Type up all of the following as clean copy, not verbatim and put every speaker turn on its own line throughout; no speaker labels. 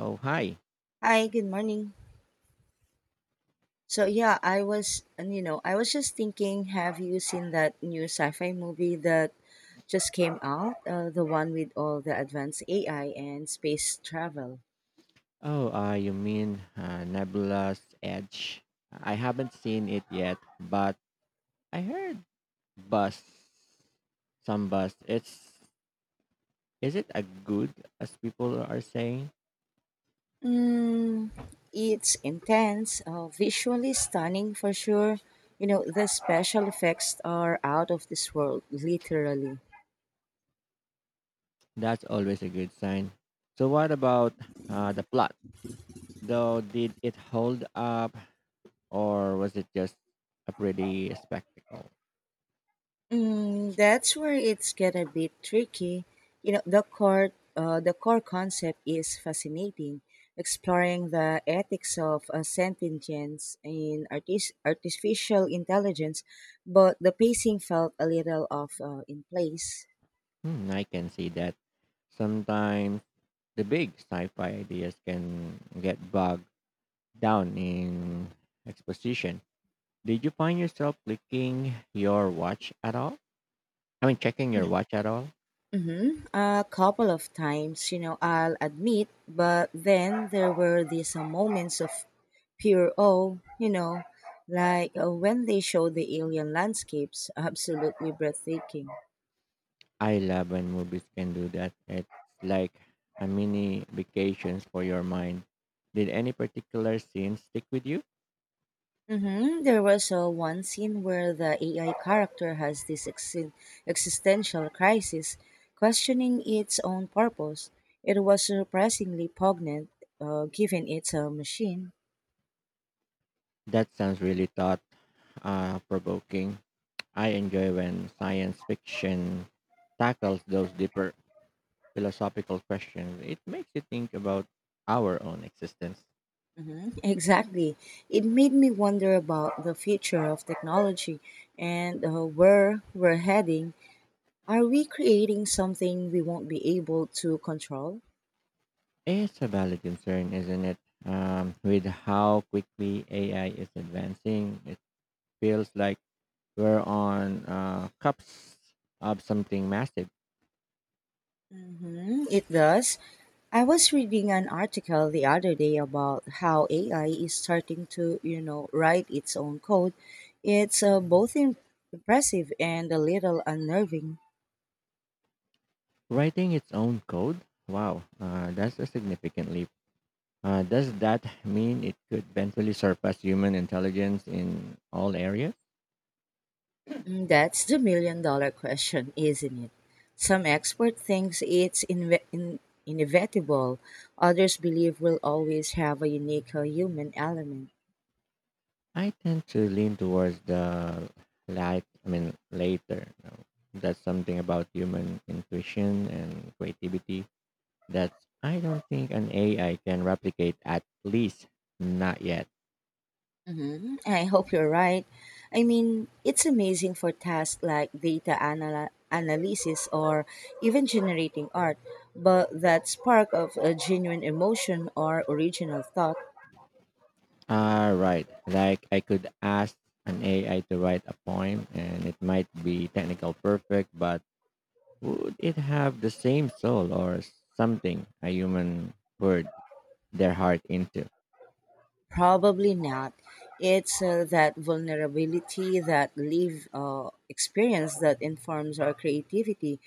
Oh, hi.
Hi, good morning. I was just thinking, have you seen that new sci-fi movie that just came out? The one with all the advanced AI and space travel.
Oh, you mean Nebula's Edge? I haven't seen it yet, but I heard buzz, some buzz. It's Is it a good as people are saying?
Mm, it's intense, visually stunning for sure. You know, the special effects are out of this world, literally.
That's always a good sign. So, what about the plot? Though, did it hold up, or was it just a pretty spectacle?
That's where it's get a bit tricky. You know, the core concept is fascinating, exploring the ethics of artificial intelligence, but the pacing felt a little off in place.
Hmm, I can see that. Sometimes the big sci-fi ideas can get bogged down in exposition. Did you find yourself clicking your watch at all? I mean, checking your watch at all?
Mm-hmm. A couple of times, you know, I'll admit, but then there were these moments of pure awe, you know, like when they showed the alien landscapes, absolutely breathtaking.
I love when movies can do that. It's like a mini vacations for your mind. Did any particular scene stick with you?
Mm-hmm. There was one scene where the AI character has this existential crisis, questioning its own purpose. It was surprisingly poignant, given it's a machine.
That sounds really thought provoking. I enjoy when science fiction tackles those deeper philosophical questions. It makes you think about our own existence.
Mhm, exactly. It made me wonder about the future of technology and where we're heading. Are we creating something we won't be able to control?
It's a valid concern, isn't it? With how quickly AI is advancing, it feels like we're on cups of something massive.
Mhm, it does. I was reading an article the other day about how AI is starting to, you know, write its own code. It's impressive and a little unnerving.
Writing its own code? Wow, that's a significant leap. Does that mean it could eventually surpass human intelligence in all areas?
Mm, that's the million dollar question, isn't it? Some expert thinks it's inevitable. Others believe we'll always have a unique human element.
I tend to lean towards the light. I mean, later. You know. That's something about human intuition and creativity That's I don't think an AI can replicate, at least not yet.
Hmm, I hope you're right. I mean, it's amazing for tasks like analysis or even generating art, but that spark of a genuine emotion or original thought,
All right. Like I could ask an AI to write a poem and it might be technical perfect, but would it have the same soul or something a human poured their heart into?
probably not. It's that vulnerability, that live experience that informs our creativity.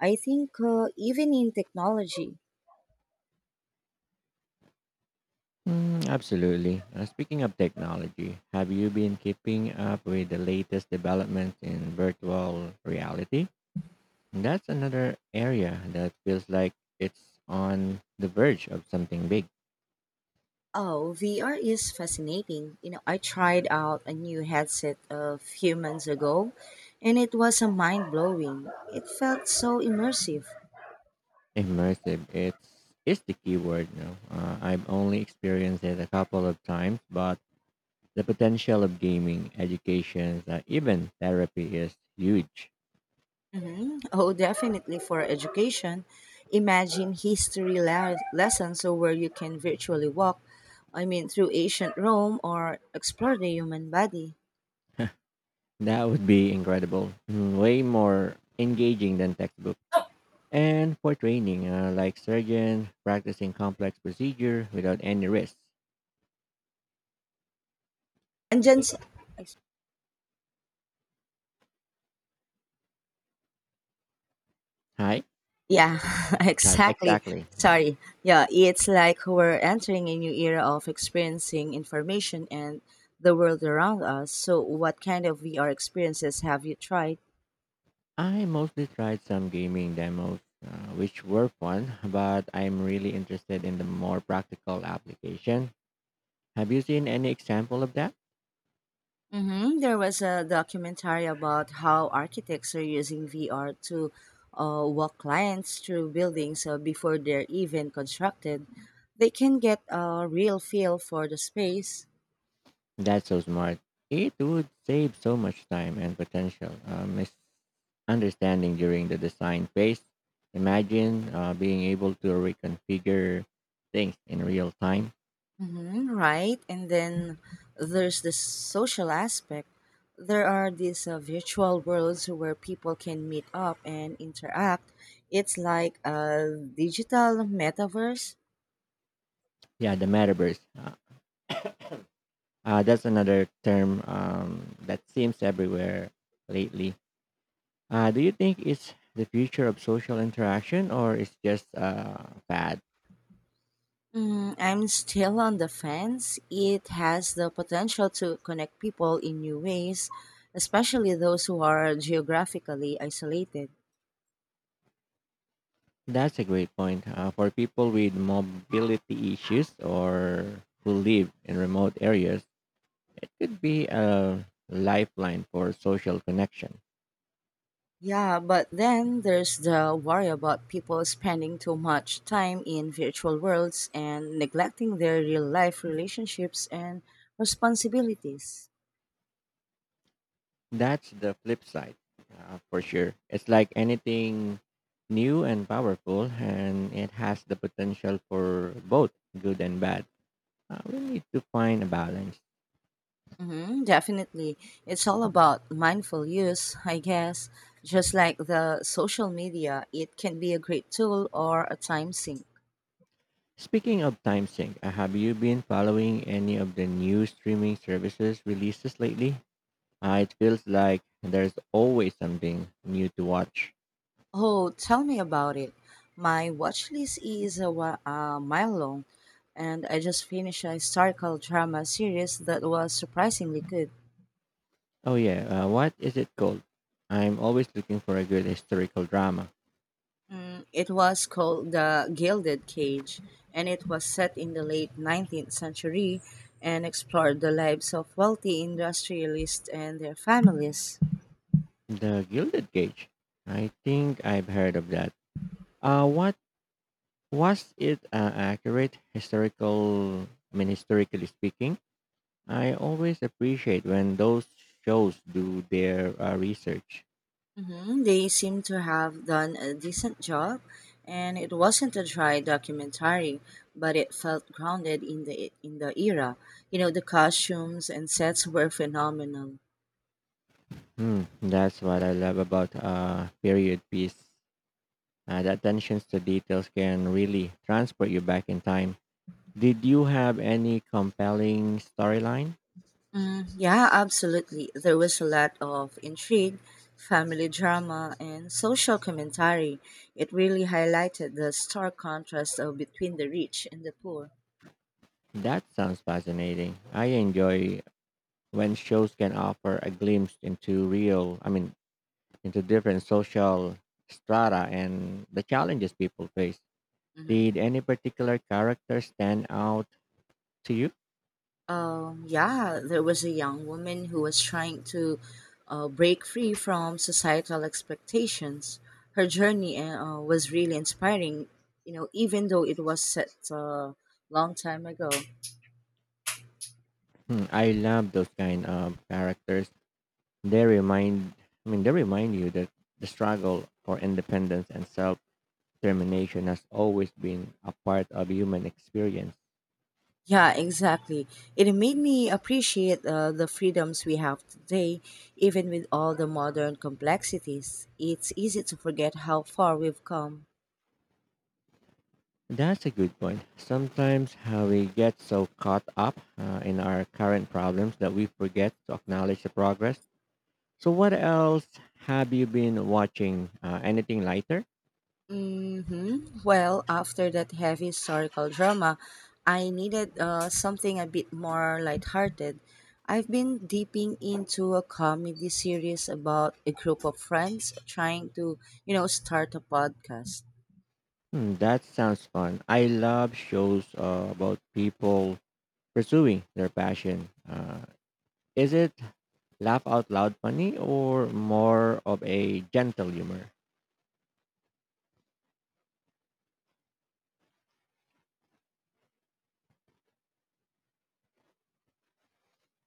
I think even in technology,
Mm, absolutely. Speaking of technology, have you been keeping up with the latest developments in virtual reality? That's another area that feels like it's on the verge of something big.
oh, VR is fascinating. You know, I tried out a new headset a few months ago, and it was a mind blowing. It felt so immersive.
Immersive, it's is the key word. You I've only experienced it a couple of times, but the potential of gaming, education, even therapy is huge.
Hmm. Oh, definitely for education. Imagine lessons so where you can virtually walk, I mean, through ancient Rome or explore the human body.
That would be incredible. Mm, way more engaging than textbook. And for training, like surgeon practicing complex procedure without any risk.
And, gens-
Hi.
Yeah, exactly.
Exactly.
Sorry. Yeah, it's like we're entering a new era of experiencing information and the world around us. So, what kind of VR experiences have you tried?
I mostly tried some gaming demos, which were fun, but I'm really interested in the more practical application. Have you seen any example of that?
Mm-hmm. There was a documentary about how architects are using VR to walk clients through buildings before they're even constructed. They can get a real feel for the space.
That's so smart. It would save so much time and potential misunderstanding during the design phase. Imagine being able to reconfigure things in real time.
Hmm, right. And then there's the social aspect. There are these virtual worlds where people can meet up and interact. It's like a digital metaverse.
Yeah, the metaverse. That's another term that seems everywhere lately. Do you think it's the future of social interaction or it's just bad?
Mm, I'm still on the fence. It has the potential to connect people in new ways, especially those who are geographically isolated.
That's a great point. For people with mobility issues or who live in remote areas, it could be a lifeline for social connection.
Yeah, but then there's the worry about people spending too much time in virtual worlds and neglecting their real life relationships and responsibilities.
That's the flip side, for sure. It's like anything new and powerful, and it has the potential for both good and bad. We need to find a balance.
Hmm, definitely. It's all about mindful use, I guess. Just like the social media, it can be a great tool or a time sink.
Speaking of time sync, have you been following any of the new streaming services releases lately? It feels like there's always something new to watch.
Oh, tell me about it. My watch list is a mile long, and I just finished a historical drama series that was surprisingly good.
Oh yeah, what is it called? I'm always looking for a good historical drama.
Mm, it was called the Gilded Cage, and it was set in the late 19th century and explored the lives of wealthy industrialists and their families.
The Gilded Cage. I think I've heard of that. What was it? Accurate historical? I mean, historically speaking, I always appreciate when those shows do their research.
Mhm, they seem to have done a decent job, and it wasn't a dry documentary, but it felt grounded in the era. You know, the costumes and sets were phenomenal.
Mm, that's what I love about period piece. The attentions to details can really transport you back in time. Did you have any compelling storyline?
Mm, yeah, absolutely. There was a lot of intrigue, family drama, and social commentary. It really highlighted the stark contrast of between the rich and the poor.
That sounds fascinating. I enjoy when shows can offer a glimpse into real, I mean, into different social strata and the challenges people face.
Hmm.
Did any particular character stand out to you?
Yeah, there was a young woman who was trying to break free from societal expectations. Her journey was really inspiring, you know, even though it was set a long time ago.
Hmm, I love those kind of characters They remind I mean they remind you that the struggle for independence and self determination has always been a part of human experience.
Yeah, exactly. It made me appreciate the freedoms we have today, even with all the modern complexities. It's easy to forget how far we've come.
That's a good point. Sometimes how we get so caught up in our current problems that we forget to acknowledge the progress. So, what else have you been watching? Anything lighter?
Mm-hmm. Well, after that heavy historical drama, I needed something a bit more lighthearted. I've been dipping into a comedy series about a group of friends trying to, you know, start a podcast.
Hmm, that sounds fun. I love shows about people pursuing their passion. Is it laugh out loud funny or more of a gentle humor?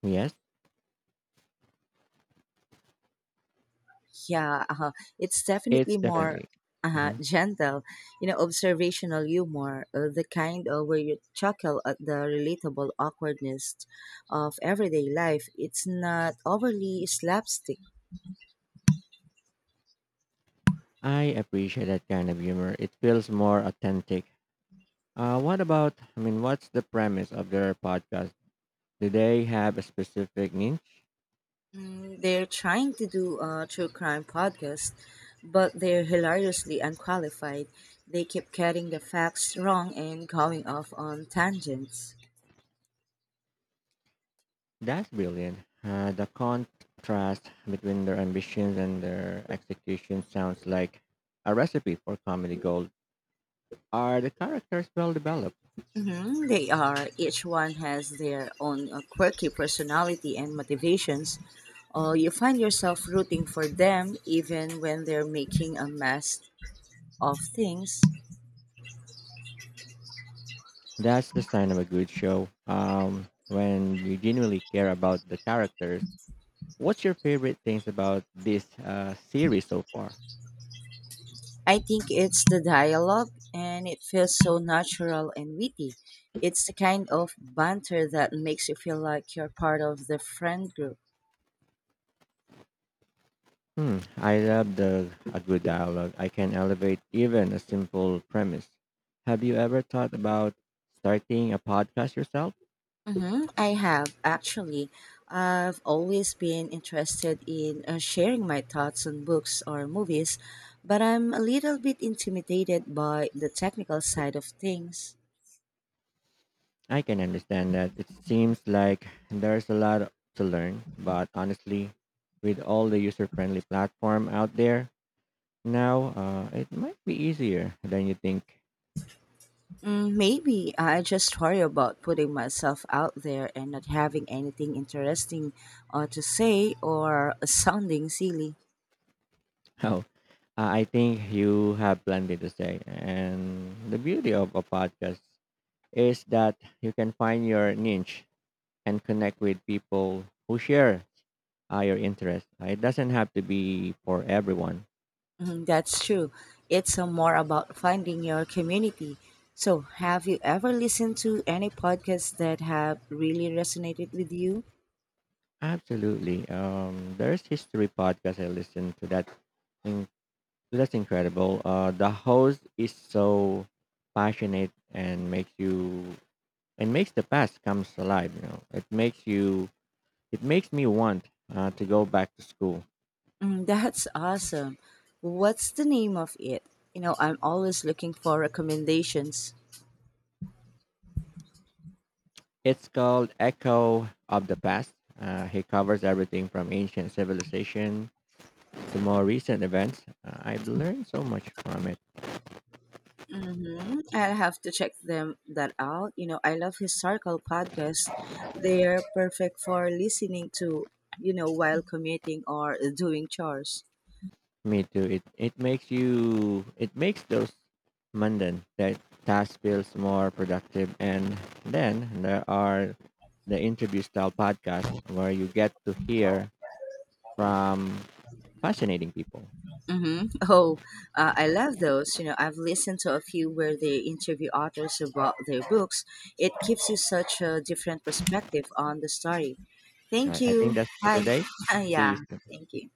Yes,
Yeah, uh-huh. It's
it's
definitely more
definitely. Mhm.
gentle, you know, observational humor, the kind of where you chuckle at the relatable awkwardness of everyday life. It's not overly slapstick.
I appreciate that kind of humor. It feels more authentic. What's the premise of their podcast? Do they have a specific niche?
Mm, they're trying to do a true crime podcast, but they're hilariously unqualified. They keep getting the facts wrong and going off on tangents.
That's brilliant. The contrast between their ambitions and their execution sounds like a recipe for comedy gold. Are the characters well developed?
Mhm, they are. Each one has their own quirky personality and motivations. You find yourself rooting for them even when they're making a mess of things.
That's the sign of a good show. When you genuinely care about the characters. What's your favorite things about this series so far?
I think it's the dialogue, and it feels so natural and witty. It's the kind of banter that makes you feel like you're part of the friend group.
Hmm, I love the a good dialogue. I can elevate even a simple premise. Have you ever thought about starting a podcast yourself?
Mm-hmm. I have actually. I've always been interested in sharing my thoughts on books or movies, but I'm a little bit intimidated by the technical side of things.
I can understand that. It seems like there's a lot to learn, but honestly, with all the user-friendly platform out there now, it might be easier than you think.
Mm, maybe I just worry about putting myself out there and not having anything interesting to say or sounding silly.
Oh, I think you have plenty to say. And the beauty of a podcast is that you can find your niche and connect with people who share your interests. It doesn't have to be for everyone.
Mhm, that's true. It's more about finding your community. So, have you ever listened to any podcasts that have really resonated with you?
Absolutely. There's history podcast I listen to that. In, that's incredible. The host is so passionate and makes you and makes the past comes alive. You know, it makes you. it makes me want to go back to school.
Mm, that's awesome. What's the name of it? You know, I'm always looking for recommendations.
It's called Echo of the Past. He covers everything from ancient civilization to more recent events. I've learned so much from it.
Mm-hmm. I'll have to check them that out. You know, I love historical podcasts. They're perfect for listening to, you know, while commuting or doing chores.
Me too. It makes those mundane that tasks feels more productive and then there are the interview style podcasts where you get to hear from fascinating people.
Hmm. Oh, I love those. You know, I've listened to a few where they interview authors about their books. It gives you such a different perspective on the story. Thank
Alright, I think
you.
that's for
Bye.
today. See you
Yeah.
soon.
Thank you.